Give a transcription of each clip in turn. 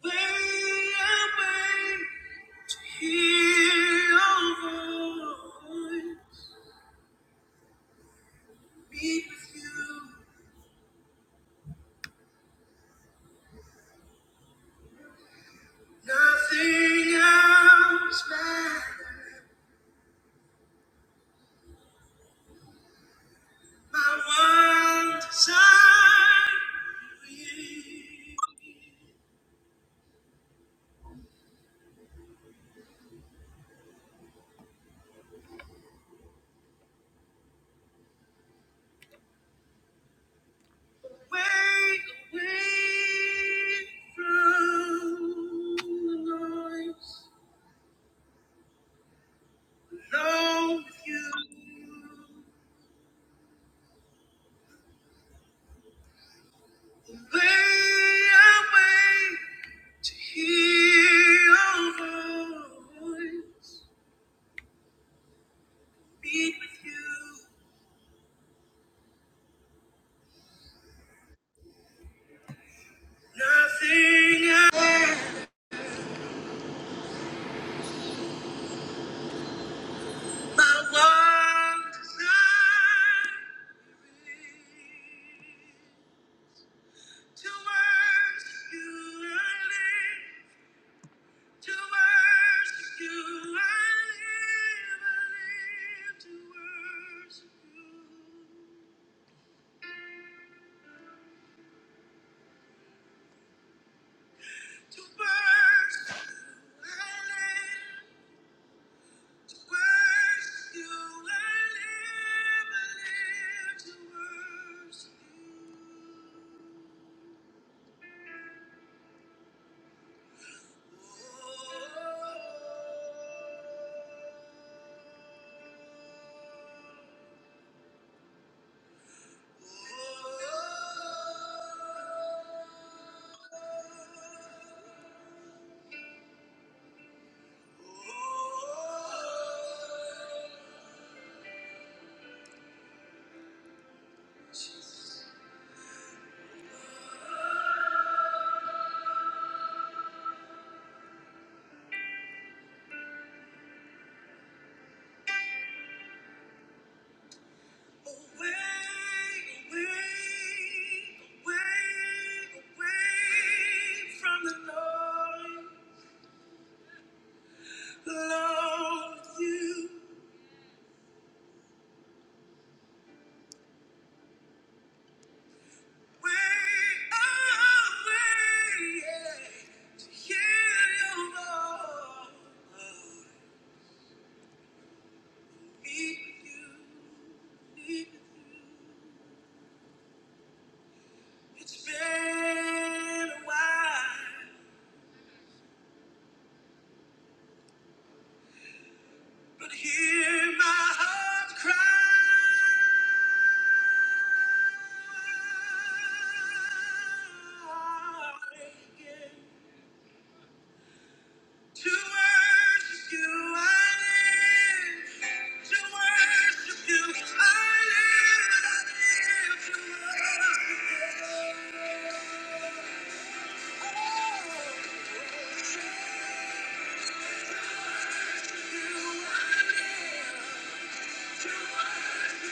When I to hear your voice, meet with you, nothing else matters. My one desire is wait away from the noise, alone with you. Way I wait to hear your voice. Meet with you. Nothing else. My one desire to worship you. I live. To worship you. I live. I live to worship you. To worship I live, to worship you I live, I live to worship you. oh, oh, oh, oh. Jesus. Away, away, away, away away, from the with with you, you, you. to hear your Lord. Meet with you, meet with you. It's been a while. But hear my heart cry again. To worship you, I live. To worship you, I live. To worship you. Oh, to worship you, I live. Thank you.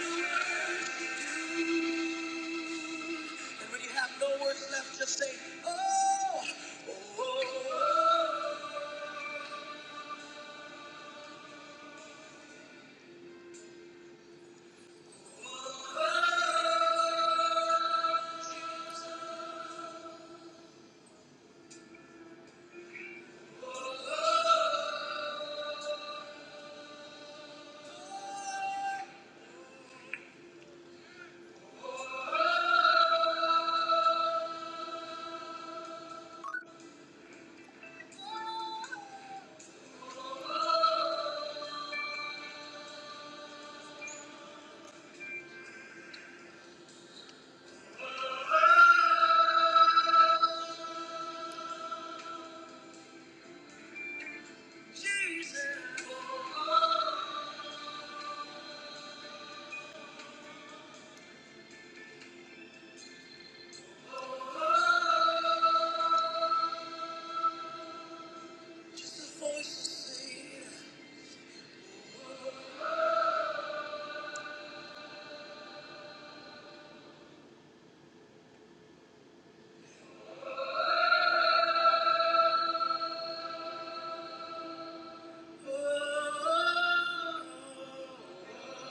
And when you have no words left, just say, Oh, oh, oh, oh Jesus. Just a voice saying, oh, oh, oh, oh.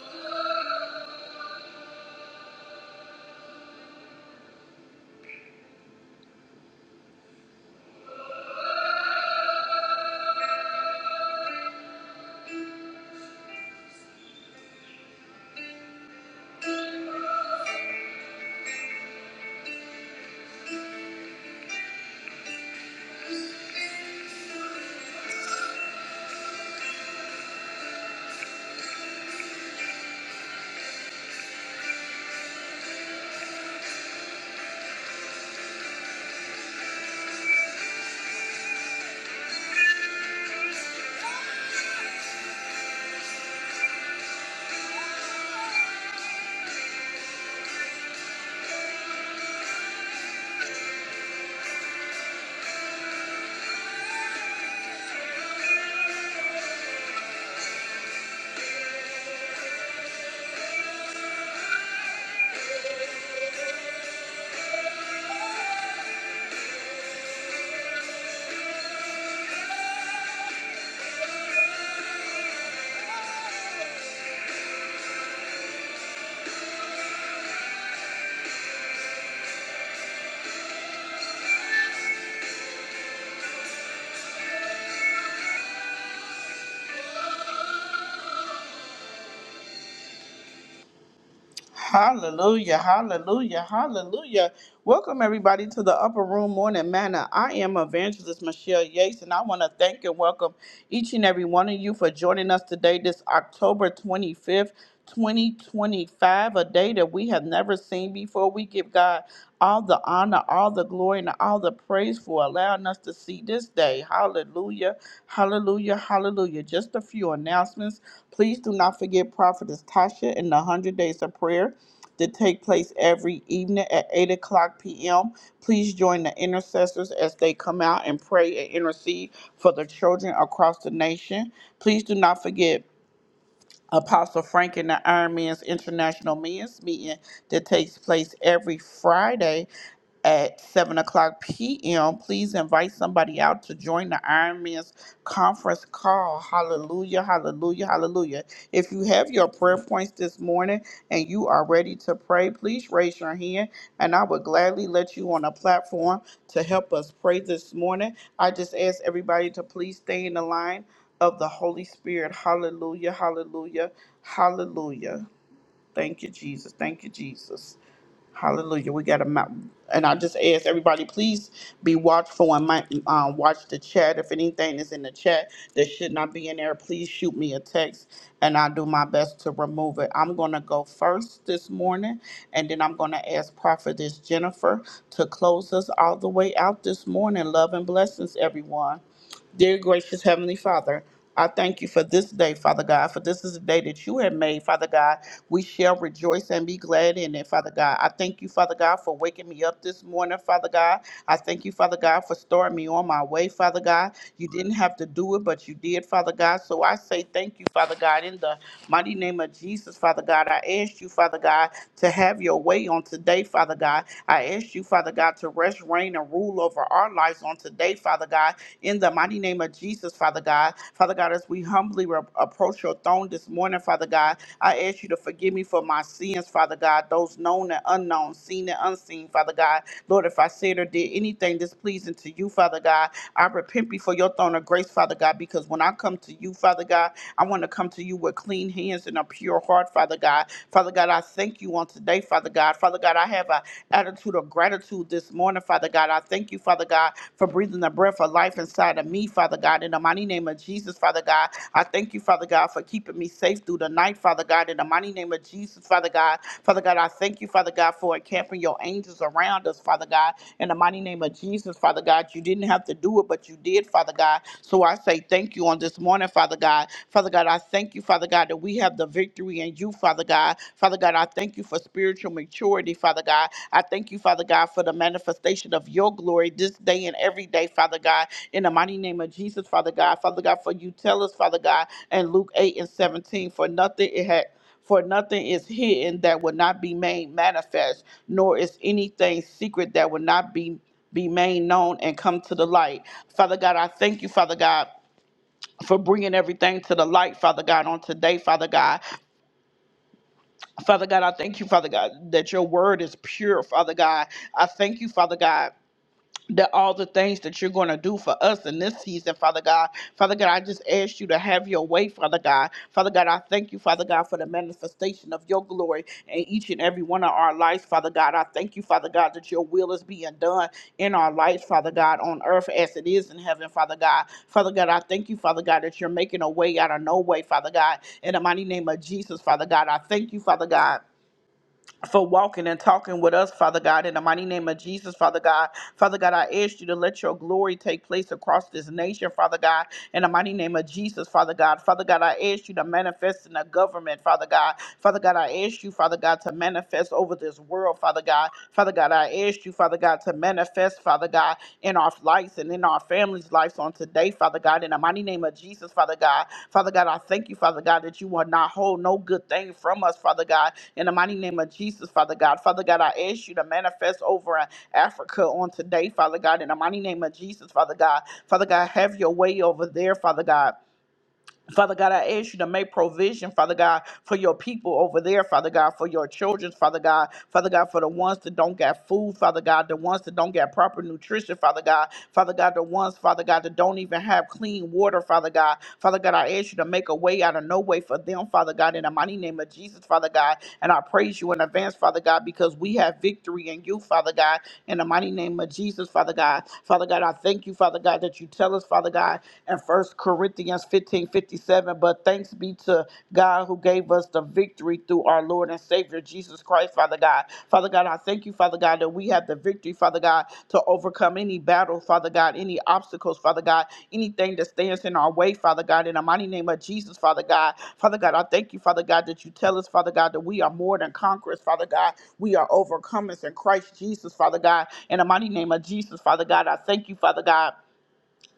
Hallelujah, hallelujah, hallelujah. Welcome, everybody, to the Upper Room Morning Manna. I am Evangelist Michelle Yates, and I want to thank and welcome each and every one of you for joining us today, this October 25th, 2025, a day day that we have never seen before. We give God all the honor, all the glory, and all the praise for allowing us to see this day. Hallelujah. Hallelujah. Hallelujah. Just a few announcements. Please do not forget Prophetess Tasha and the 100 Days of Prayer to take place every evening at 8 o'clock p.m. Please join the intercessors as they come out and pray and intercede for the children across the nation. Please do not forget Apostle Frank and the Iron Man's International Men's Meeting that takes place every Friday at 7 o'clock p.m. Please invite somebody out to join the Iron Man's conference call. Hallelujah, hallelujah, hallelujah. If you have your prayer points this morning and you are ready to pray, please raise your hand and I would gladly let you on a platform to help us pray this morning. I just ask everybody to please stay in the line of the Holy Spirit. Hallelujah, hallelujah, hallelujah. Thank you, Jesus. Thank you, Jesus. Hallelujah. We got a mountain. And I just ask everybody, please be watchful and might, um, watch the chat. If anything is in the chat that should not be in there, please shoot me a text and I'll do my best to remove it. I'm going to go first this morning and then I'm going to ask Prophetess Jennifer to close us all the way out this morning. Love and blessings, everyone. Dear gracious Heavenly Father, I thank you for this day, Father God, for this is the day that you have made, Father God. We shall rejoice and be glad in it, Father God. I thank you, Father God, for waking me up this morning, Father God. I thank you, Father God, for starting me on my way, Father God. You didn't have to do it, but you did, Father God. So I say thank you, Father God, in the mighty name of Jesus, Father God. I ask you, Father God, to have your way on today, Father God. I ask you, Father God, to rest, reign, and rule over our lives on today, Father God in the mighty name of Jesus, Father God. Father God, as we humbly re- approach your throne this morning, Father God, I ask you to forgive me for my sins, Father God, those known and unknown, seen and unseen, Father God. Lord, if I said or did anything displeasing to you, Father God, I repent before your throne of grace, Father God, because when I come to you, Father God, I want to come to you with clean hands and a pure heart, Father God. Father God, I thank you on today, Father God. Father God, I have an attitude of gratitude this morning, Father God. I thank you, Father God, for breathing the breath of life inside of me, Father God. In the mighty name of Jesus, Father God, I thank you, Father God, for keeping me safe through the night, Father God. In the mighty name of Jesus, Father God. Father God, I thank you, Father God, for encamping your angels around us, Father God. In the mighty name of Jesus, Father God, you didn't have to do it, but you did, Father God. So I say thank you on this morning morning, Father God. Father God, I thank you, Father God, that we have the victory in you, Father God. Father God, I thank you for spiritual maturity, Father God. I thank you, Father God, for the manifestation of your glory this day and every day, Father God. In the mighty name of Jesus, Father God. Father God, for you tell us, Father God, in Luke 8 and 17, for nothing it had. For nothing is hidden that will not be made manifest, nor is anything secret that will not be, be made known and come to the light. Father God, I thank you, Father God for bringing everything to the light, Father God, on today, Father God. Father God, I thank you, Father God, that your word is pure, Father God. I thank you, Father God that all the things that you're going to do for us in this season, Father God. Father God, I just ask you to have your way, Father God. Father God, I thank you, Father God, for the manifestation of your glory in each and every one of our lives, Father God. I thank you, Father God, that your will is being done in our lives, Father God, on earth as it is in heaven, Father God. Father God, I thank you, Father God, that you're making a way out of no way, Father God. In the mighty name of Jesus, Father God, I thank you, Father God for walking and talking with us, Father God, in the mighty name of Jesus, Father God. Father God, I ask you to let your glory take place across this nation, Father God, in the mighty name of Jesus, Father God. Father God, I ask you to manifest in the government, Father God. Father God, I ask you, Father God, to manifest over this world, Father God. Father God, I ask you, Father God, to manifest, Father God. God, in our lives and in our families' lives on today, Father God, in the mighty name of Jesus, Father God. Father God, I thank you, Father God, that you will not hold no good thing from us, Father God, in the mighty name of Jesus, Father God. Father God, I ask you to manifest over in Africa on today, Father God, in the mighty name of Jesus, Father God. Father God, have your way over there, Father God. Father God, I ask you to make provision, Father God, for your people over there, Father God, for your children, Father God, Father God, for the ones that don't get food, Father God, the ones that don't get proper nutrition, Father God, Father God, the ones, Father God, that don't even have clean water, Father God, Father God, I ask you to make a way out of no way for them, Father God, in the mighty name of Jesus, Father God, and I praise you in advance, Father God, because we have victory in you, Father God, in the mighty name of Jesus, Father God, Father God, I thank you, Father God, that you tell us, Father God in 1 Corinthians 15 57. But thanks be to God who gave us the victory through our Lord and Savior Jesus Christ, Father God. Father God, I thank you, Father God, that we have the victory, Father God, to overcome any battle, Father God, any obstacles, Father God, anything that stands in our way, Father God, in the mighty name of Jesus, Father God. Father God, I thank you, Father God, that you tell us, Father God, that we are more than conquerors, Father God. We are overcomers in Christ Jesus, Father God. In the mighty name of Jesus, Father God, I thank you, Father God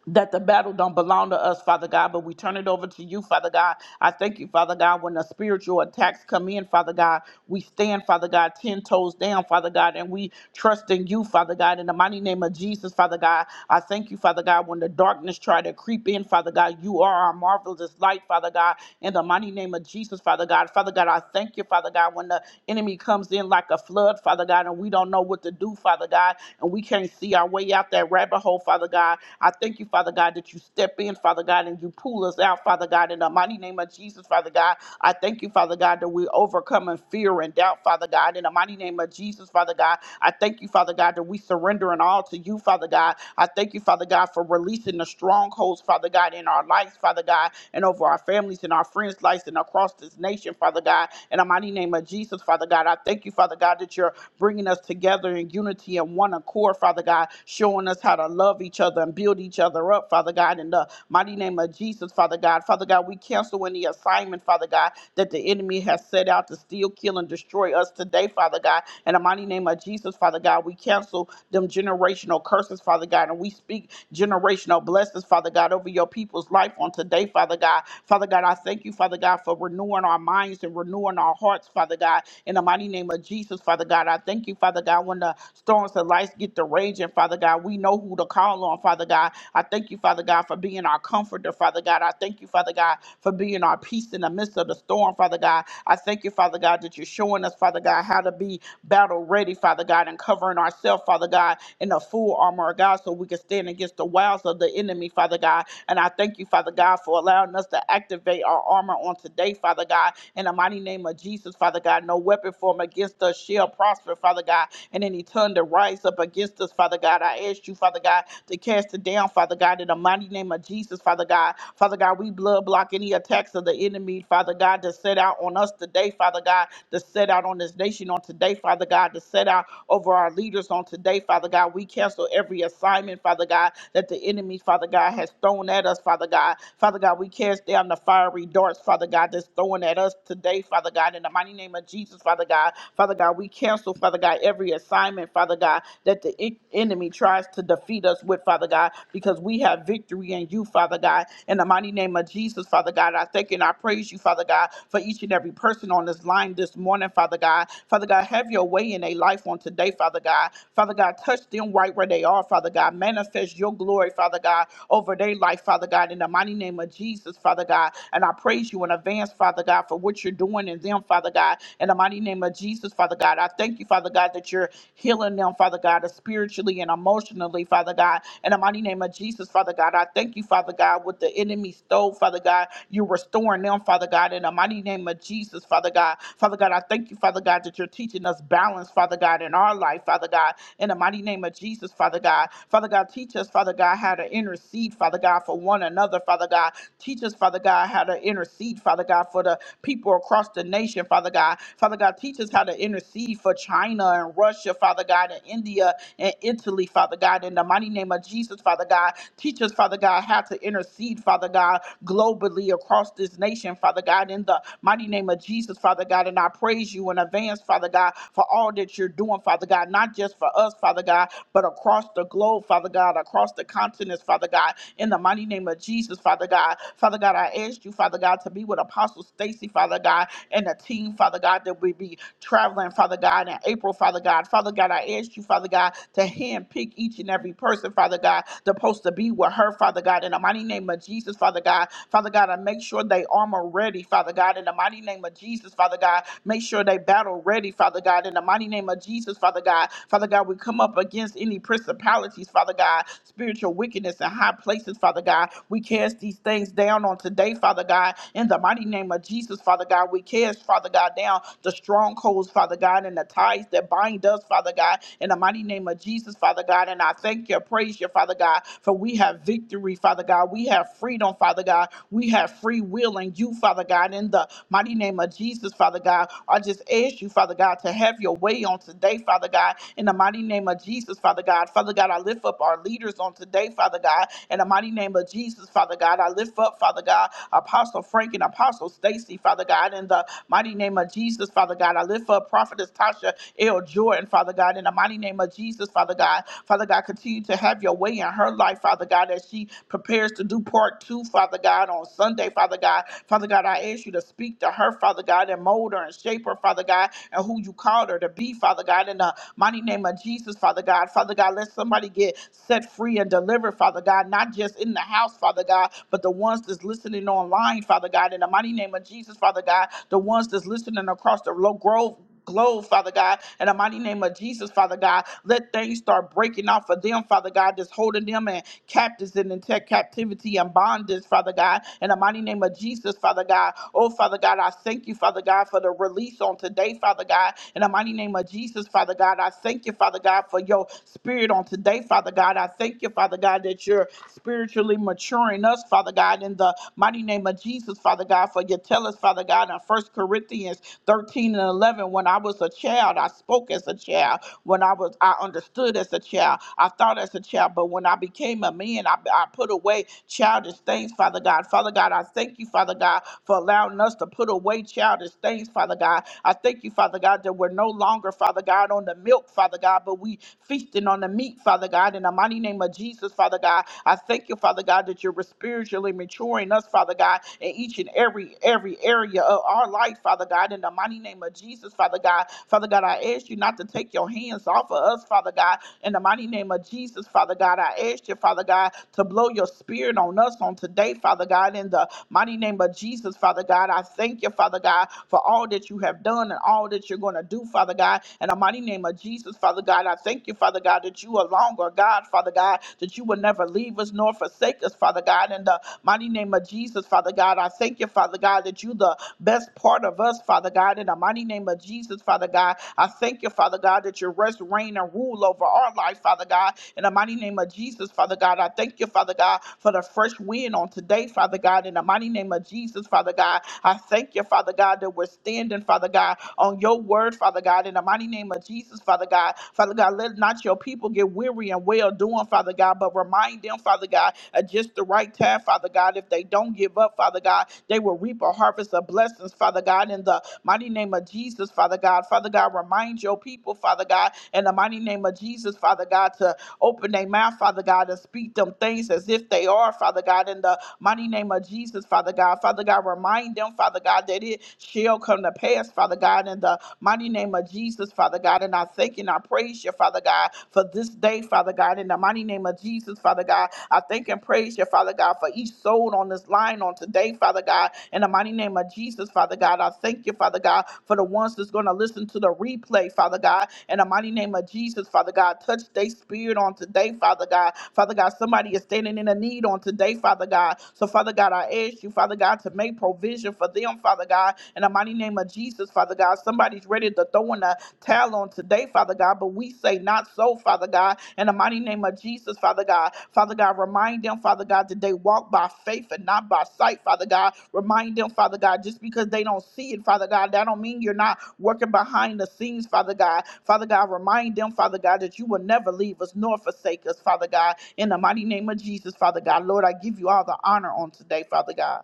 that the battle don't belong to us, Father God, but we turn it over to you, Father God. I thank you, Father God, when the spiritual attacks come in, Father God, we stand, Father God, ten toes down, Father God, and we trust in you, Father God, in the mighty name of Jesus, Father God. I thank you, Father God, when the darkness try to creep in, Father God, you are our marvelous light, Father God, in the mighty name of Jesus, Father God. Father God, I thank you, Father God, when the enemy comes in like a flood, Father God, and we don't know what to do, Father God and we can't see our way out that rabbit hole, Father God. I thank you, Father God, that you step in, Father God, and you pull us out, Father God, in the mighty name of Jesus, Father God. I thank you, Father God, that we overcome in fear and doubt, Father God, in the mighty name of Jesus, Father God. I thank you, Father God, that we surrender and all to you, Father God. I thank you, Father God, for releasing the strongholds, Father God, in our lives, Father God, and over our families and our friends' lives and across this nation, Father God. In the mighty name of Jesus, Father God. God. I thank you, Father God, that you're bringing us together in unity and one accord, Father God, showing us how to love each other and build each other up, Father God, in the mighty name of Jesus, Father God. Father God, we cancel any assignment, Father God, that the enemy has set out to steal, kill, and destroy us today, Father God. In the mighty name of Jesus, Father God, we cancel them generational curses, Father God, and we speak generational blessings, Father God, over your people's life on today, Father God. Father God, I thank you, Father God. God, for renewing our minds and renewing our hearts, Father God. In the mighty name of Jesus, Father God, I thank you, Father God, when the storms of life get to raging, Father God, we know who to call on, Father God. I thank you, Father God, for being our comforter, Father God. I thank you, Father God, for being our peace in the midst of the storm, Father God. I thank you, Father God, that you're showing us, Father God, how to be battle ready, Father God, and covering ourselves, Father God, in the full armor of God so we can stand against the wiles of the enemy, Father God. And I thank you, Father God, for allowing us to activate our armor on today, Father God. In the mighty name of Jesus, Father God, no weapon formed against us shall prosper, Father God. And any tongue that rise up against us, Father God, I ask you, Father God, to cast it down, Father God, in the mighty name of Jesus, Father God. Father God, we blood block any attacks of the enemy, Father God, to set out on us today, Father God, to set out on this nation on today, Father God, to set out over our leaders on today, Father God. We cancel every assignment, Father. Father God, that the enemy, Father God, has thrown at us, Father God. Father God, we cast down the fiery darts, Father God, that's thrown at us today, Father God, in the mighty name of Jesus, Father God. Father God, we cancel, Father God, every assignment, Father God, that the en- enemy tries to defeat us with, Father God, because we have victory in you, Father God. In the mighty name of Jesus, Father God, I thank and I praise you, Father God, for each and every person on this line this morning, Father God. Father God, have your way in their life on today, Father God. Father God, God. Touch them right where they are, Father God. Manifest your glory, Father God, over their life, Father God, in the mighty name of Jesus, Father God. And I praise you in advance, Father God, for what you're doing in them, Father God, in the mighty name of Jesus, Father God. I thank you, Father God, that you're healing them, Father God, spiritually and emotionally, Father God, in the mighty name of Jesus, Father God. I thank you, Father God, what the enemy stole, Father God. You're restoring them, Father God, in the mighty name of Jesus, Father God. Father God, I thank you, Father God, that you're teaching us balance balance, Father God, in our life, Father God, in the mighty name of Jesus, Father God. Father God, teach us, Father God, how to intercede, Father God, for one another, Father God. Teach us, Father God, how to intercede, Father God, for the people across the nation, Father God. Father God, teach us how to intercede for China and Russia, Father God, and India and Italy, Father God, in the mighty name of Jesus, Father God. Teach us, Father God, how to intercede, Father God, globally across this nation, Father God, in the mighty name of Jesus, Father God. in God. And I praise you in advance, Father God, for all that you're doing, Father God, not just for us, Father God, but across the globe, Father God, across the continents, Father God, in the mighty name of Jesus, Father God. Father God, I ask you, Father God, to be with Apostle Stacy, Father God, and the team, Father God, that we be traveling, Father God, in April, Father God. Father God, I ask you, Father God, to handpick each and every person, Father God, that's supposed to be with her, Father God, in the mighty name of Jesus, Father God. Father God, I make sure they armor ready, ready, Father God, in the mighty name of Jesus, Father God. Make sure they battle ready, Father God, in the mighty name of Jesus, Father God. Father God, we come up against any principalities, Father God, spiritual wickedness in high places, Father God. We cast these things down on today, Father God, in the mighty name of Jesus, Father God. We cast, Father God, down the strongholds, Father God, and the ties that bind us, Father God, in the mighty name of Jesus, Father God. And I thank you, praise you, Father God, for we have victory, Father God. We have freedom, Father. Father God. We have free will in you, Father God, in the mighty name of Jesus, Father God. I just ask you, Father God, to have your way on today, Father God, in the mighty name of Jesus, Father God. Father God, I lift up our leaders on today, Father God, in the mighty name of Jesus, Father God. I lift up, Father God, Apostle Frank and Apostle Stacy, Father God, in the mighty name of Jesus, Father God. I lift up Prophetess Tasha L. Jordan, Father God, in the mighty name of Jesus, Father God. Father God, continue to have your way in her life, Father God. God, as she prepares to do part two, Father God, on Sunday, Father God. Father God, I ask you to speak to her, Father God, and mold her and shape her, Father God, and who you called her to be, Father God, in the mighty name of Jesus, Father God. Father God, let somebody get set free and delivered, Father God, not just in the house, Father God, but the ones that's listening online, Father God, in the mighty name of Jesus, Father God, the ones that's listening across the low grove globe, Father God, in the mighty name of Jesus, Father God. Let things start breaking off for them, Father God, that's holding them in captives and in te- captivity and bondage, Father God, in the mighty name of Jesus, Father God. Oh, Father God, I thank you, Father God, for the release on today, Father God, in the mighty name of name of Jesus, Father God. I thank you, Father God, for your spirit on today, Father God. I thank you, Father God, that you're spiritually maturing us, Father God, in the mighty name of Jesus, Father God, for you tell us, Father God, in First Corinthians 13 and 11, when I was a child, I spoke as a child when I was I understood as a child. I thought as a child, but when I became a man, I, I put away childish things, Father God. Father God, I thank you, Father God, for allowing us to put away childish things, Father God. I thank you, Father God, that we're no longer, Father God, on the milk, Father God, but we feasting on the meat, Father God, in the mighty name of Jesus, Father God. I thank you, Father God, that you're spiritually maturing us, Father God, in each and every every area of our life, Father God, in the mighty name of Jesus, Father God. Father God, I ask you not to take your hands off of us, Father God, in the mighty name of Jesus, Father God. I ask you, Father God, to blow your spirit on us on today, Father God, in the mighty name of Jesus, Father God. I thank you, Father God, for all that you have done and all that you're going to do, Father God, in the mighty name of Jesus, Father God. I thank you you, Father God, that you are longer, God, Father God, that you will never leave us nor forsake us, Father God. In the mighty name of Jesus, Father God, I thank you, Father God, that you the best part of us, Father God. In the mighty name of Jesus, Father God, I thank you, Father God, that you rest, reign, and rule over our life, Father God. In the mighty name of Jesus, Father God, I thank you, Father God, for the fresh wind on today, Father God. In the mighty name of Jesus, Father God. God. I thank you, Father God, that we're standing, Father God, on your word, Father God, in the mighty name of Jesus, Father God. Father God, let not your people get weary and well doing, Father God, but remind them, Father God, at just the right time, Father God, if they don't give up, Father God, they will reap a harvest of blessings, Father God, in the mighty name of Jesus, Father God. Father God, remind your people, Father God, in the mighty name of Jesus, Father God, to Open their mouth, Father God, and speak them things as if they are, Father God, in the mighty name of Jesus, Father God. Father God, remind them, Father God, that it shall come to pass, Father God, in the mighty name of Jesus, Father God. And I thank you and I praise you, Father God, for this day, Father God. In the mighty name of Jesus, Father God, I thank and praise you, Father God, for each soul on this line on today, Father God. In the mighty name of Jesus, Father God, I thank you, Father God, for the ones that's going to listen to the replay, Father God. In the mighty name of Jesus, Father God, touch their spirit on today, Father God. Father God, somebody is standing in a need on today, Father God. So, Father God, I ask you, Father God, to make provision for them, Father God God, in the mighty name of Jesus, Father God. Somebody's ready to throw in a towel on today, Father God, but we say not so, Father God, in the mighty name of Jesus, Father God. Father God, remind them, Father God, that they walk by faith and not by sight, Father God. Remind them, Father God, just because they don't see it, Father God, that don't mean you're not working behind the scenes, Father God. Father God, remind them, Father God, that you will never leave us nor forsake us, Father God, in the mighty name of Jesus, Father God. Lord, I give you all the honor on today, Father God.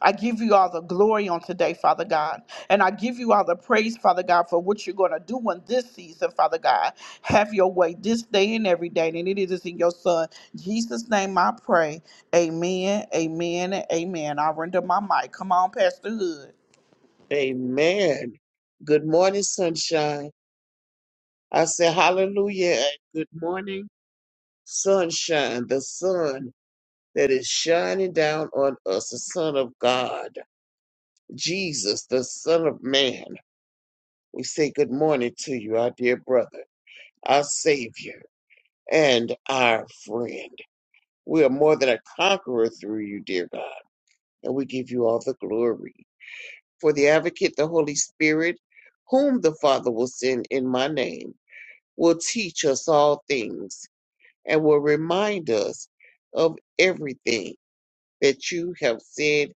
I give you all the glory on today, Father God. And I give you all the praise, Father God, for what you're going to do in this season, Father God. Have your way this day and every day. And it is in your Son, Jesus' name, I pray. Amen, amen, and amen. I render my mic. Come on, Pastor Hood. Amen. Good morning, sunshine. I say hallelujah and good morning, sunshine, the sun that is shining down on us, the Son of God, Jesus, the Son of Man. We say good morning to you, our dear brother, our Savior, and our friend. We are more than a conqueror through you, dear God, and we give you all the glory. For the advocate, the Holy Spirit, whom the Father will send in my name will teach us all things and will remind us of everything that you have said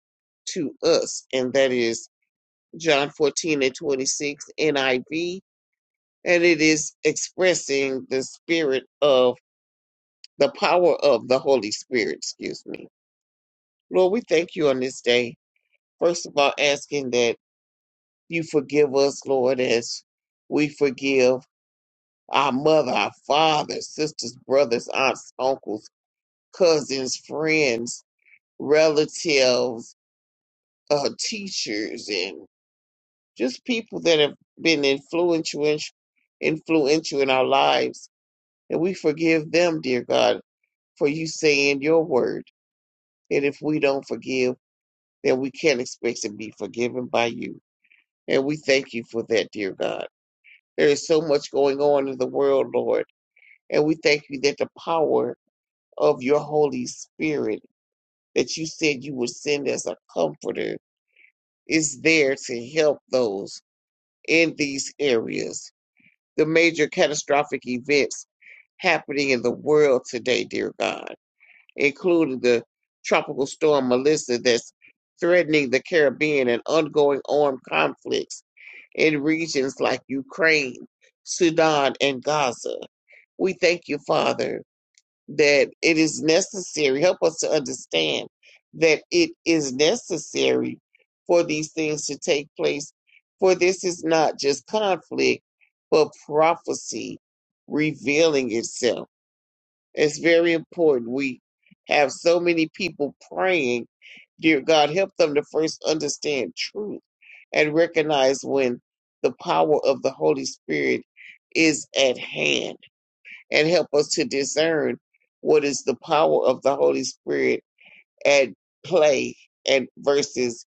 to us. And that is John 14 and 26 NIV. And it is expressing the spirit of the power of the Holy Spirit, excuse me. Lord, we thank you on this day. First of all, asking that you forgive us, Lord, as we forgive our mother, our father, sisters, brothers, aunts, uncles cousins, friends, relatives, uh, teachers, and just people that have been influential, influential in our lives. And we forgive them, dear God, for you saying your word. And if we don't forgive, then we can't expect to be forgiven by you. And we thank you for that, dear God. There is so much going on in the world, Lord. And we thank you that the power of your Holy Spirit that you said you would send as a comforter is there to help those in these areas. The major catastrophic events happening in the world today, dear God, including the tropical storm Melissa that's threatening the Caribbean and ongoing armed conflicts in regions like Ukraine, Sudan, and Gaza. We thank you, Father that it is necessary. Help us to understand that it is necessary for these things to take place. For this is not just conflict, but prophecy revealing itself. It's very important. We have so many people praying, dear God, help them to first understand truth and recognize when the power of the Holy Spirit is at hand and help us to discern what is the power of the Holy Spirit at play and versus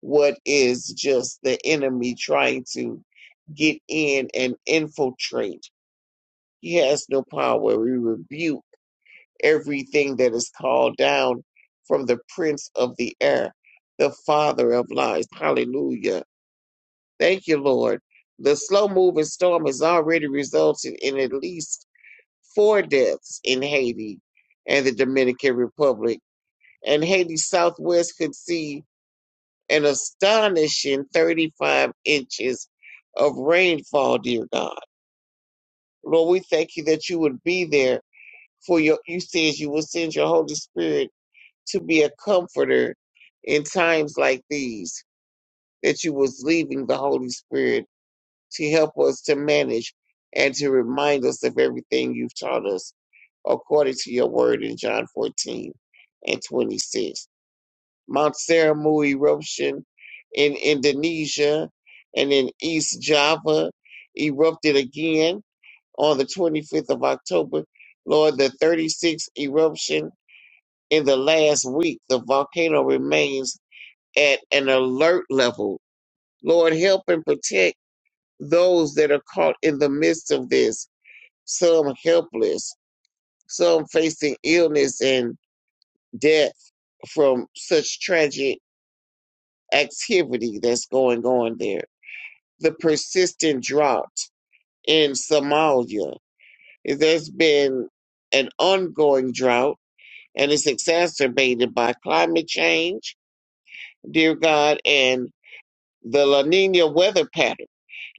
what is just the enemy trying to get in and infiltrate. He has no power. We rebuke everything that is called down from the prince of the air, the father of lies. Hallelujah. Thank you, Lord. The slow moving storm has already resulted in at least four deaths in Haiti and the Dominican Republic, and Haiti's southwest could see an astonishing 35 inches of rainfall, dear God. Lord, we thank you that you would be there for your, you said you will send your Holy Spirit to be a comforter in times like these, that you was leaving the Holy Spirit to help us to manage and to remind us of everything you've taught us according to your word in John 14 and 26. Mount Seramu eruption in Indonesia and in East Java erupted again on the 25th of October. Lord, the 36th eruption in the last week, the volcano remains at an alert level. Lord, help and protect those that are caught in the midst of this, some helpless, some facing illness and death from such tragic activity that's going on there. The persistent drought in Somalia. There's been an ongoing drought and it's exacerbated by climate change, dear God, and The La Nina weather pattern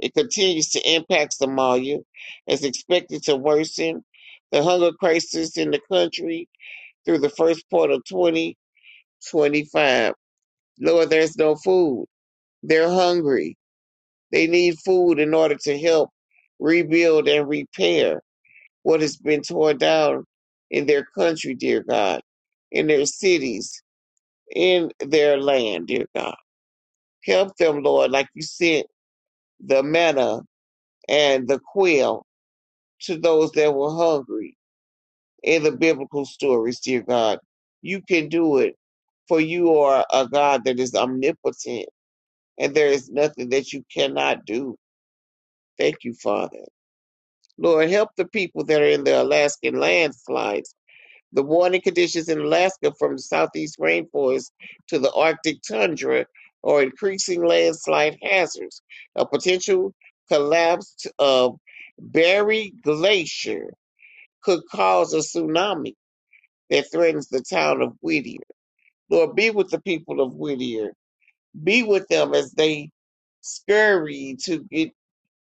it continues to impact Somalia, is expected to worsen the hunger crisis in the country through the first part of 2025. Lord, there's no food. They're hungry. They need food in order to help rebuild and repair what has been torn down in their country, dear God, in their cities, in their land, dear God. Help them, Lord, like you sent the manna and the quail to those that were hungry in the biblical stories, dear God. You can do it, for you are a God that is omnipotent, and there is nothing that you cannot do. Thank you, Father. Lord, help the people that are in the Alaskan landslides, the warning conditions in Alaska from the southeast rainforest to the Arctic tundra or increasing landslide hazards, a potential collapse of Berry Glacier could cause a tsunami that threatens the town of Whittier. Lord, be with the people of Whittier. Be with them as they scurry to get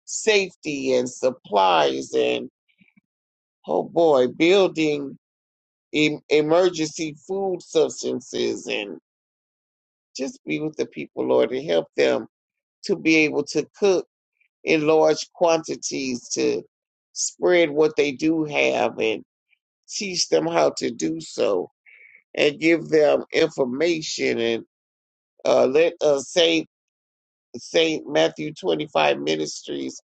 safety and supplies and, oh boy, building em- emergency food substances and just be with the people, Lord, and help them to be able to cook in large quantities to spread what they do have and teach them how to do so and give them information and uh, let uh, Saint Saint Matthew twenty five ministries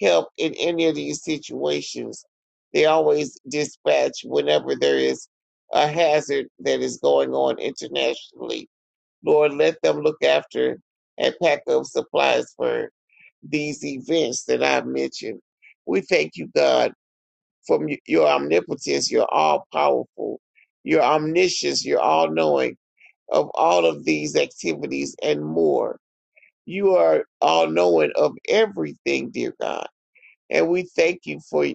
help in any of these situations. They always dispatch whenever there is a hazard that is going on internationally. Lord, let them look after and pack up supplies for these events that I've mentioned. We thank you, God, for your omnipotence, your all powerful, your omniscience, your all knowing of all of these activities and more. You are all knowing of everything, dear God. And we thank you for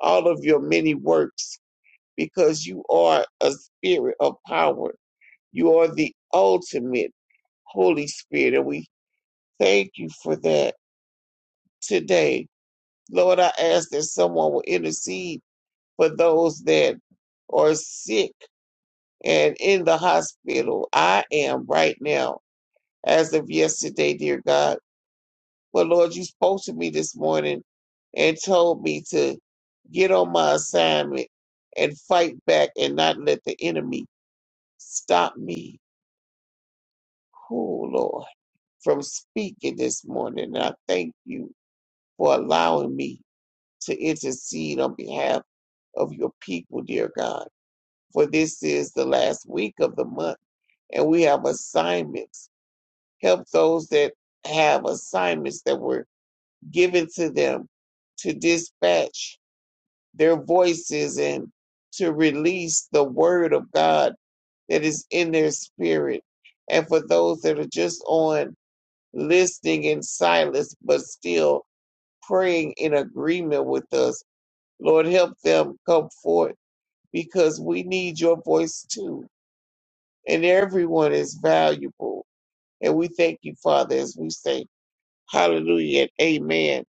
all of your many works because you are a spirit of power. You are the ultimate Holy Spirit. And we thank you for that today. Lord, I ask that someone will intercede for those that are sick and in the hospital. I am right now, as of yesterday, dear God. But Lord, you spoke to me this morning and told me to get on my assignment and fight back and not let the enemy stop me. Oh, Lord, from speaking this morning. And I thank you for allowing me to intercede on behalf of your people, dear God. For this is the last week of the month, and we have assignments. Help those that have assignments that were given to them to dispatch their voices and to release the word of God that is in their spirit. And for those that are just on listening in silence, but still praying in agreement with us, Lord, help them come forth because we need your voice too. And everyone is valuable. And we thank you, Father, as we say hallelujah and amen.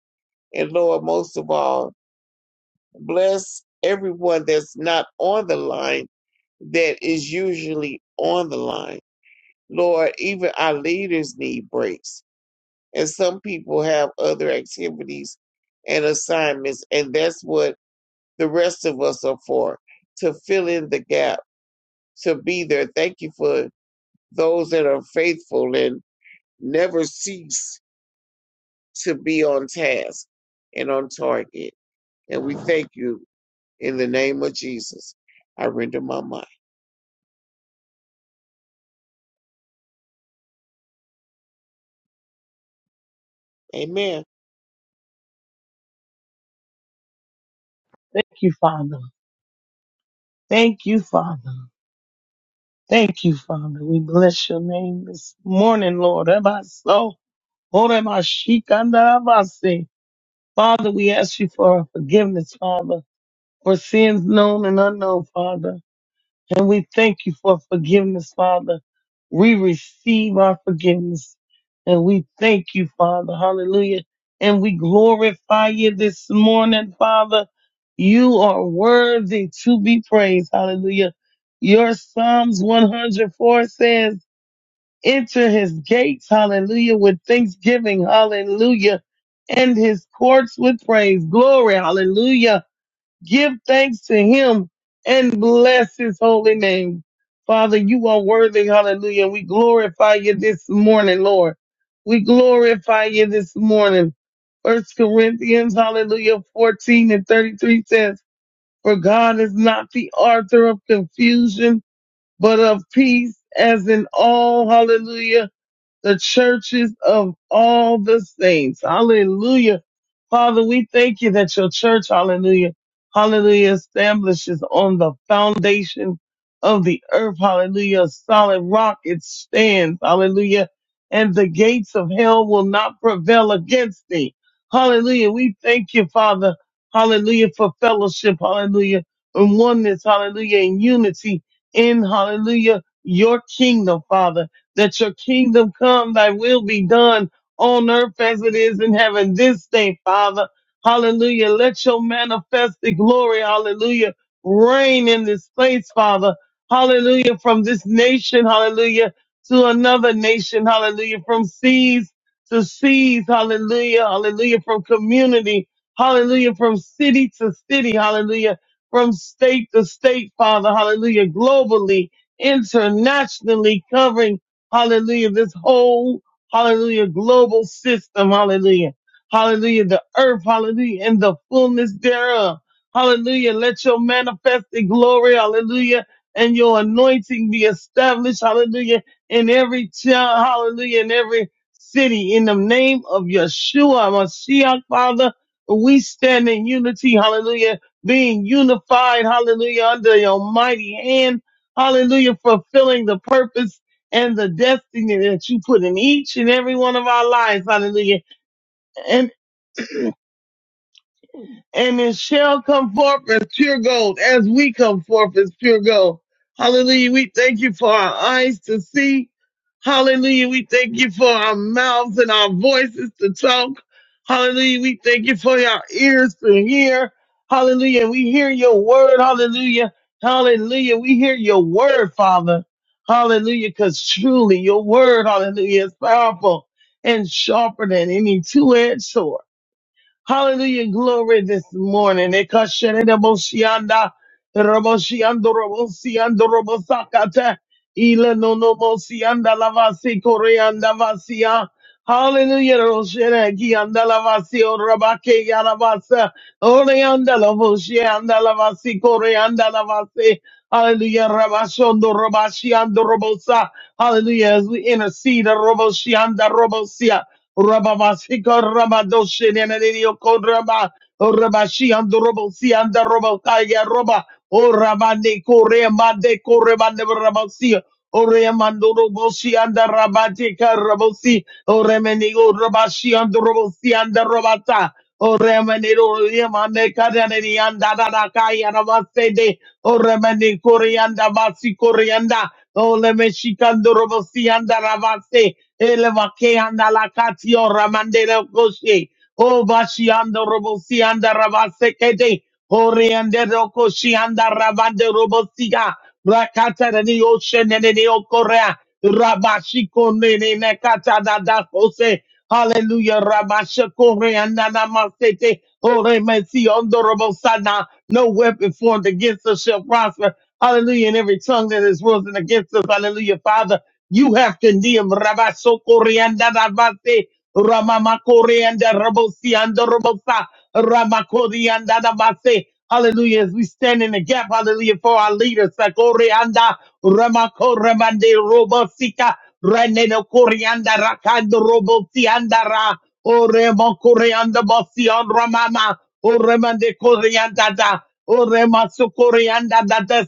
And Lord, most of all, bless everyone that's not on the line that is usually on the line. Lord, even our leaders need breaks. And some people have other activities and assignments, and that's what the rest of us are for to fill in the gap, to be there. Thank you for those that are faithful and never cease to be on task and on target. And we thank you in the name of Jesus. I render my mind. Amen. Thank you, Father. Thank you, Father. Thank you, Father. We bless your name this morning, Lord. Ebaso, oremashikandarabase. Father, we ask you for forgiveness, Father, for sins known and unknown, Father. And we thank you for forgiveness, Father. We receive our forgiveness. And we thank you, Father. Hallelujah. And we glorify you this morning, Father. You are worthy to be praised. Hallelujah. Your Psalms 104 says, enter his gates. Hallelujah. With thanksgiving. Hallelujah. And his courts with praise. Glory. Hallelujah give thanks to him and bless his holy name. Father, you are worthy. Hallelujah. We glorify you this morning, Lord. We glorify you this morning. First Corinthians, hallelujah, 14 and 33 says, For God is not the author of confusion, but of peace, as in all, hallelujah the churches of all the saints. Hallelujah. Father, we thank you that your church, hallelujah, hallelujah, establishes on the foundation of the earth. Hallelujah. A solid rock it stands. Hallelujah. And the gates of hell will not prevail against thee. Hallelujah. We thank you, Father. Hallelujah for fellowship. Hallelujah. And oneness. Hallelujah. And unity in, hallelujah, your kingdom, Father that your kingdom come, thy will be done on earth as it is in heaven this day, Father. Hallelujah. Let your manifested glory, hallelujah, reign in this place, Father. Hallelujah. From this nation, hallelujah, to another nation, hallelujah, from seas to seas, hallelujah, hallelujah, from community, hallelujah, from city to city, hallelujah, from state to state, Father, hallelujah, globally, internationally covering Hallelujah. This whole, hallelujah, global system. Hallelujah. Hallelujah. The earth. Hallelujah. And the fullness thereof. Hallelujah. Let your manifested glory. Hallelujah. And your anointing be established. Hallelujah. In every child. Hallelujah. In every city. In the name of Yeshua, Mashiach, Father, we stand in unity. Hallelujah. Being unified. Hallelujah. Under your mighty hand. Hallelujah. Fulfilling the purpose and the destiny that you put in each and every one of our lives. Hallelujah. And and it shall come forth as pure gold, as we come forth as pure gold. Hallelujah. We thank you for our eyes to see. Hallelujah. We thank you for our mouths and our voices to talk. Hallelujah. We thank you for our ears to hear. Hallelujah. We hear your word. Hallelujah. Hallelujah. We hear your word, Father. Hallelujah. Because truly your word, hallelujah, is powerful and sharper than any two-edged sword. Hallelujah. Glory this morning. Ekasheneroboshianda, roboshiando, robosiando, robosakata, ilenonomosianda, lavasi, koreanda, vasia. Hallelujah. Roshene, kianda, lavasi, orabake, yalavasa, oreanda, lavoshianda, lavasi, koreanda, lavasi. Hallelujah. Rabashondo, robashiando, robosa. Hallelujah. As we intercede, roboshianda, robosia. Rababasika Rabadoshin and Anidio Kodraba Rabashi and the Robo Si and the Robo Kaya Roba O Rabande Korema de Korema de Rabasi O Remando Robosi and the Rabatika Rabosi O Remenigo Rabashi and the Robosi and the Robata O remanero yamane kadanani anda da da kaya na masede. O remani korianda masi korianda. O leme shikando robosi ravase. Ele vake anda la katio ramande la koshe. O bashi anda robosi ravase kede. Oriande roko shianda ravande robosiga. Rakata nani ocean and the okorea. Rabashiko nene nekata dada kose. Hallelujah. Rabashiko reanda namasete. Ore mesi ondo robosana. No weapon formed against us shall prosper. Hallelujah. And every tongue that is risen against us. Hallelujah. Father, you have condemned. Rabashoko reanda rabate. Ramamakore and Rabosi and Robosa. Ramakori and Adamase. Hallelujah. As we stand in the gap, hallelujah, for our leaders. Sakore anda Ramakore mande Robosika. Reneno Koreanda Rakando Robosi andara. Ore Mokore and the Bosi on Ramama. Ore mande Koreanda. Ore masukurianda da da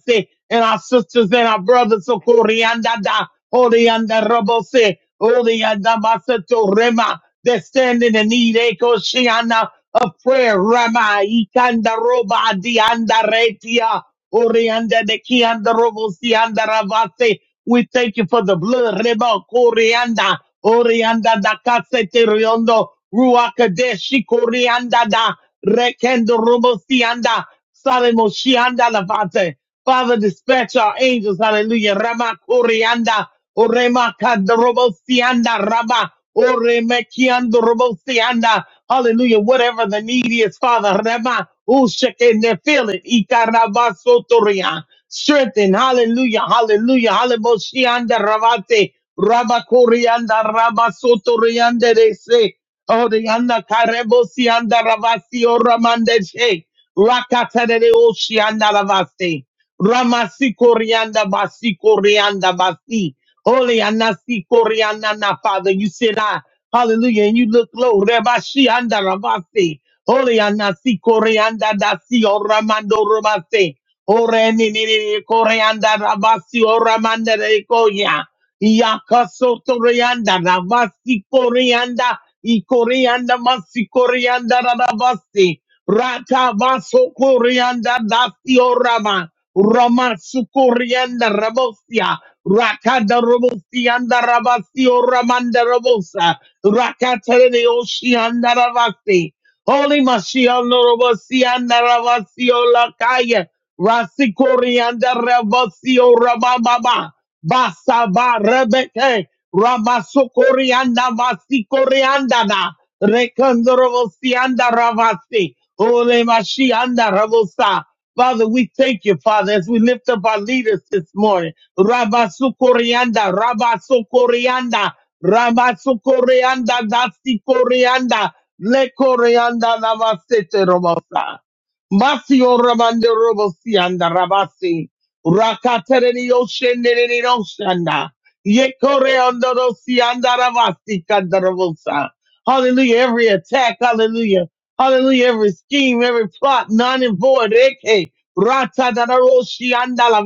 And our sisters and our brothers sukurianda da. Orianda robo se. Orianda masato rema. they stand in the need. Eko shiana of prayer. Rama ikanda roba dianda retia. Orianda de kianda robo sianda ravase. We thank you for the blood. Reba Koreanda, Orianda da Casete Riondo, Ruakadeshi Koreanda da Rekendo Robosianda. Sale Moshianda Lavate. Father, dispatch our angels. Hallelujah. Rama Kurianda. Orema Kadrobosianda Rama. Oremekiando Robosianda. Hallelujah. Whatever the need is, Father. Rama. Ushekende. Feel it. Ikarabasotoria. Strengthen. Hallelujah. Hallelujah. Hallelujah. Ravate. Rabakurianda Rabasotorianda. They say. Oh, the anda karebosi anda ravasi o ramandeche rakatere oshi anda ravasi ramasi korianda basi korianda basi. Holy anasi korianda na Father, you said I. Hallelujah, and you look low. Rebashi anda ravasi. Holy anasi korianda dasi o ramando ramasi. Ore ni ni ni ni, korianda ravasi o Ramande koya. Yakasotorianda Rabasi koreanda Ikorianda Masi Korianda Rabasi Ratabaso Korianda Dasio Rama Rama Sukorianda Rabosia Rakada Robosianda Rabasio Ramanda Rabosa Rakatare Oshianda Rabasi Holy Mashiach, Norobosian, Naravasio, Lakaya, Rasikorianda, Ravasio, Rabababa, Basaba, Rebeke, Ramasokorianda, Vasikorianda, and Ravasi, Holy Mashiach, and Ravosa, Father, we thank you, Father, as we lift up our leaders this morning. Rabba Sukorianda, Rabba Sukorianda, Rabba Sukorianda, Dasi Korianda, Le Korianda, Namasete Robosa. Masio Ramande Robosianda, Rabasi, Rakatereni Osheneni Oshanda, Ye Koreanda Rosianda, Rabasi Kandarobosa. Hallelujah. Every attack, hallelujah. Hallelujah. Every scheme, every plot, none and void. Eke, rata da da ro anda la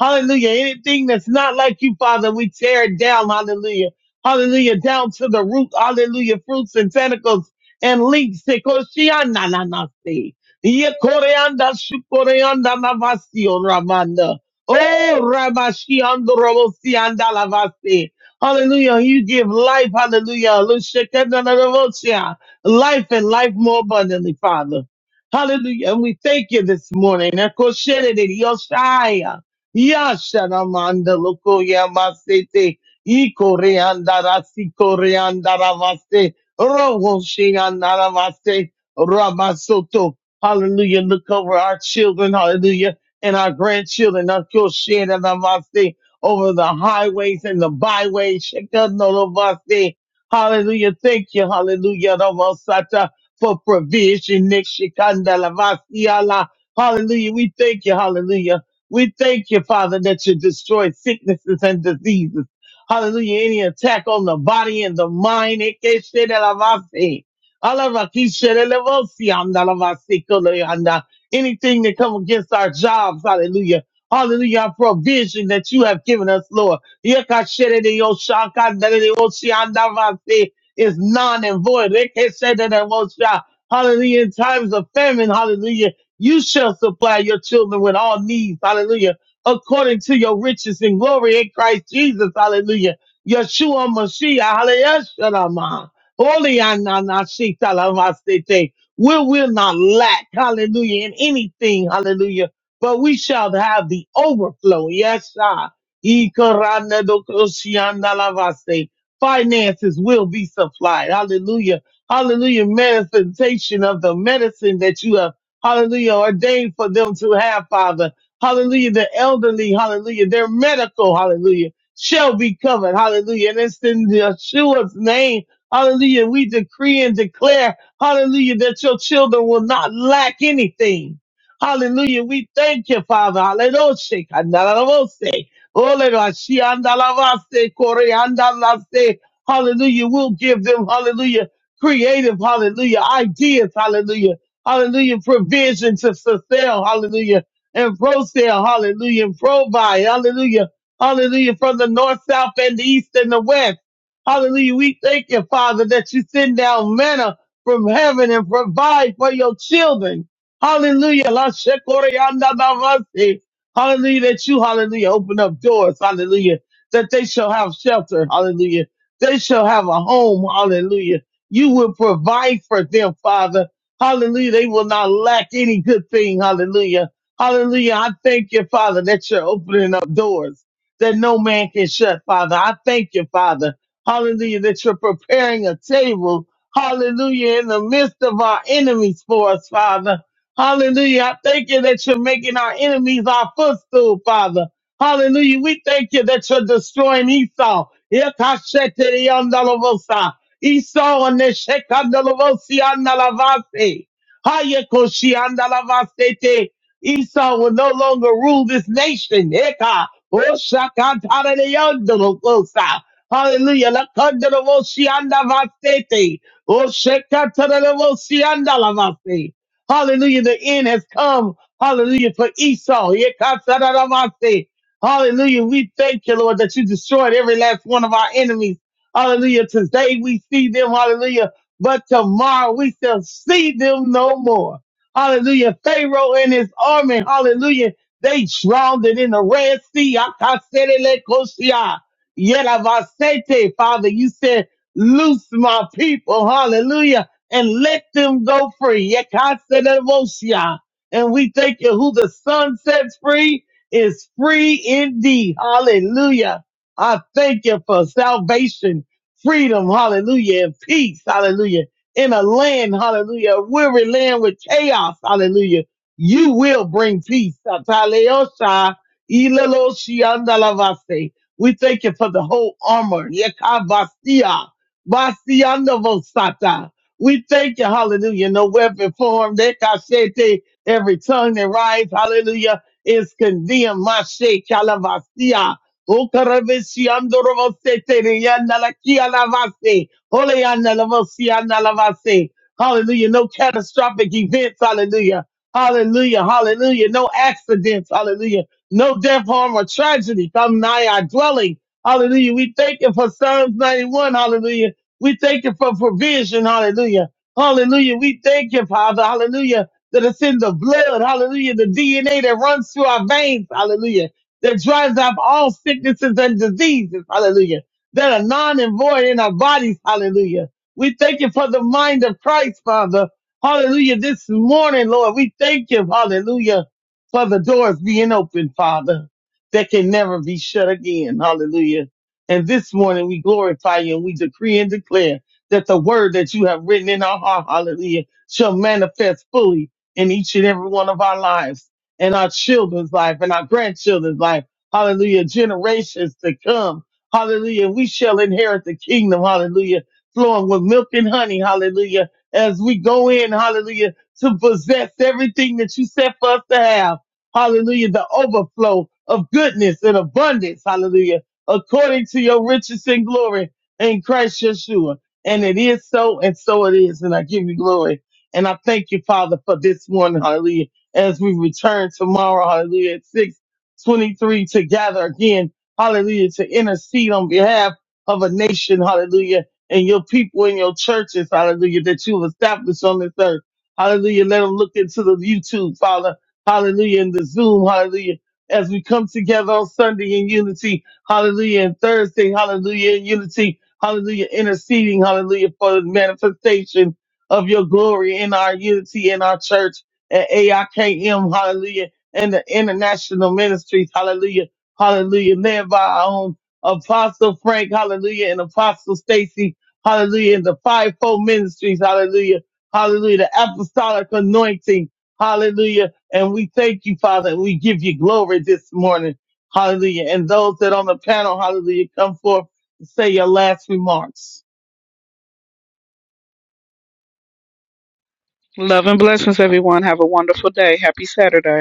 Hallelujah. Anything that's not like you, Father, we tear it down. Hallelujah. Hallelujah. Down to the root. Hallelujah. Fruits and tentacles and links. Eko shi anda la Ye kore anda shu on Ramanda. Oh, Ramashi ando robo si anda la Hallelujah. You give life. Hallelujah. Lushekenda na robo shia life and life more abundantly, Father. Hallelujah. And we thank you this morning. Ekosherede, Yoshaya, Yasharamanda, Lokoya, Masete, Ikoreanda, Rasikoreanda, Ravaste, Rogoshianda, Ravaste, Ramasoto. Hallelujah. Look over our children. Hallelujah. And our grandchildren. Ekosherede, Ravaste, Over the highways and the byways. Shekinah, Hallelujah. Thank you. Hallelujah. Ramasata, For provision. Nexhikandalavasiala. Hallelujah. We thank you. Hallelujah. We thank you, Father, that you destroy sicknesses and diseases. Hallelujah. Any attack on the body and the mind. Ekeshedelavasi. Alavakishedelevosiamdalavasikulayanda. Anything that come against our jobs. Hallelujah. Hallelujah. Our provision that you have given us, Lord. Yekasherediosakandariosiandavasi Is non and void. Rekesededemosha. Hallelujah. In times of famine, hallelujah, you shall supply your children with all needs. Hallelujah. According to your riches and glory in Christ Jesus. Hallelujah. Yeshua Mashiach. Hallelujah. Shalom. Holy Ananashita Lamasete. We will not lack. Hallelujah. In anything. Hallelujah but we shall have the overflow. Yes, sir. Ikaranadokoshiandalavase. Finances will be supplied. Hallelujah. Hallelujah. Manifestation of the medicine that you have, hallelujah, ordained for them to have, Father. Hallelujah. The elderly, hallelujah, their medical, hallelujah, shall be covered. Hallelujah. And it's in Yeshua's name. Hallelujah. We decree and declare, hallelujah, that your children will not lack anything. Hallelujah. We thank you, Father. Hallelujah. Ole rashi andalavaste kore andalaste. Hallelujah. We'll give them, hallelujah, creative, hallelujah, ideas, hallelujah, hallelujah, provision to fulfill, hallelujah, and pro sale, hallelujah, and provide, hallelujah, hallelujah, from the north, south, and the east and the west. Hallelujah. We thank you, Father, that you send down manna from heaven and provide for your children. Hallelujah. La shekore andalavaste. Hallelujah, that you, hallelujah, open up doors. Hallelujah, that they shall have shelter. Hallelujah, they shall have a home. Hallelujah, you will provide for them, Father. Hallelujah, they will not lack any good thing. Hallelujah, hallelujah. I thank you, Father, that you're opening up doors that no man can shut, Father. I thank you, Father. Hallelujah, that you're preparing a table. Hallelujah, in the midst of our enemies for us, Father. Hallelujah. I thank you that you're making our enemies our footstool, Father. Hallelujah. We thank you that you're destroying Esau. Yakasheteriandalovosa. Esau and the Shekandalavosi Hayakoshiandalavasete. Esau will no longer rule this nation. Eka. Oshakantaradeandalovosa. Hallelujah. Lakandalavosi andavastete. Oshekataradevosi andalavasi. Hallelujah. The end has come. Hallelujah. For Esau. Yekatsarabase. Hallelujah. We thank you, Lord, that you destroyed every last one of our enemies. Hallelujah. Today we see them. Hallelujah. But tomorrow we shall see them no more. Hallelujah. Pharaoh and his army. Hallelujah. They drowned it in the Red Sea. Akaserelekosia. Yelavasete. Father, you said, loose my people. Hallelujah and let them go free. Yekatsenobosia. And we thank you who the sun sets free is free indeed. Hallelujah. I thank you for salvation, freedom, hallelujah, and peace, hallelujah. In a land, hallelujah, a weary land with chaos, hallelujah. You will bring peace. Ataleosha, ileloshiandalavase. We thank you for the whole armor. Yekabasia, basiandavosata. We thank you, hallelujah. No weapon formed, that ekashete, every tongue that rise, hallelujah, is condemned. Mashe kalavasia. Okarabesi andorovosete, riyanalaki alavase, oleyanalavosi analavase. Hallelujah. No catastrophic events, hallelujah. Hallelujah, hallelujah. No accidents, hallelujah. No death, harm, or tragedy come nigh our dwelling. Hallelujah. We thank you for Psalms 91, hallelujah we thank you for provision. Hallelujah. Hallelujah. We thank you, Father. Hallelujah. That it's in the blood. Hallelujah. The DNA that runs through our veins. Hallelujah. That drives out all sicknesses and diseases. Hallelujah. That are non and void in our bodies. Hallelujah. We thank you for the mind of Christ, Father. Hallelujah. This morning, Lord, we thank you. Hallelujah. For the doors being open, Father, that can never be shut again. Hallelujah. And this morning we glorify you and we decree and declare that the word that you have written in our heart, hallelujah, shall manifest fully in each and every one of our lives and our children's life and our grandchildren's life. Hallelujah. Generations to come. Hallelujah. We shall inherit the kingdom. Hallelujah. Flowing with milk and honey. Hallelujah. As we go in, hallelujah, to possess everything that you set for us to have. Hallelujah. The overflow of goodness and abundance. Hallelujah according to your riches and glory in Christ Yeshua. And it is so, and so it is. And I give you glory. And I thank you, Father, for this morning, hallelujah, as we return tomorrow, hallelujah, at 623 to gather again, hallelujah, to intercede on behalf of a nation, hallelujah, and your people and your churches, hallelujah, that you've established on this earth. Hallelujah. Let them look into the YouTube, Father. Hallelujah. And the Zoom. Hallelujah. As we come together on Sunday in unity Hallelujah. And Thursday, hallelujah, in unity. Hallelujah. Interceding, hallelujah, for the manifestation of your glory in our unity in our church at AIKM. Hallelujah. And the international ministries. Hallelujah. Hallelujah. Led by our own Apostle Frank. Hallelujah. And Apostle Stacy. Hallelujah. And the fivefold ministries. Hallelujah. Hallelujah. The apostolic anointing. Hallelujah. And we thank you, Father, and we give you glory this morning. Hallelujah. And those that on the panel, hallelujah, come forth and say your last remarks. Love and blessings, everyone. Have a wonderful day. Happy Saturday.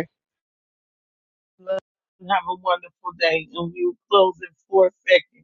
and Have a wonderful day. And we will close in four seconds.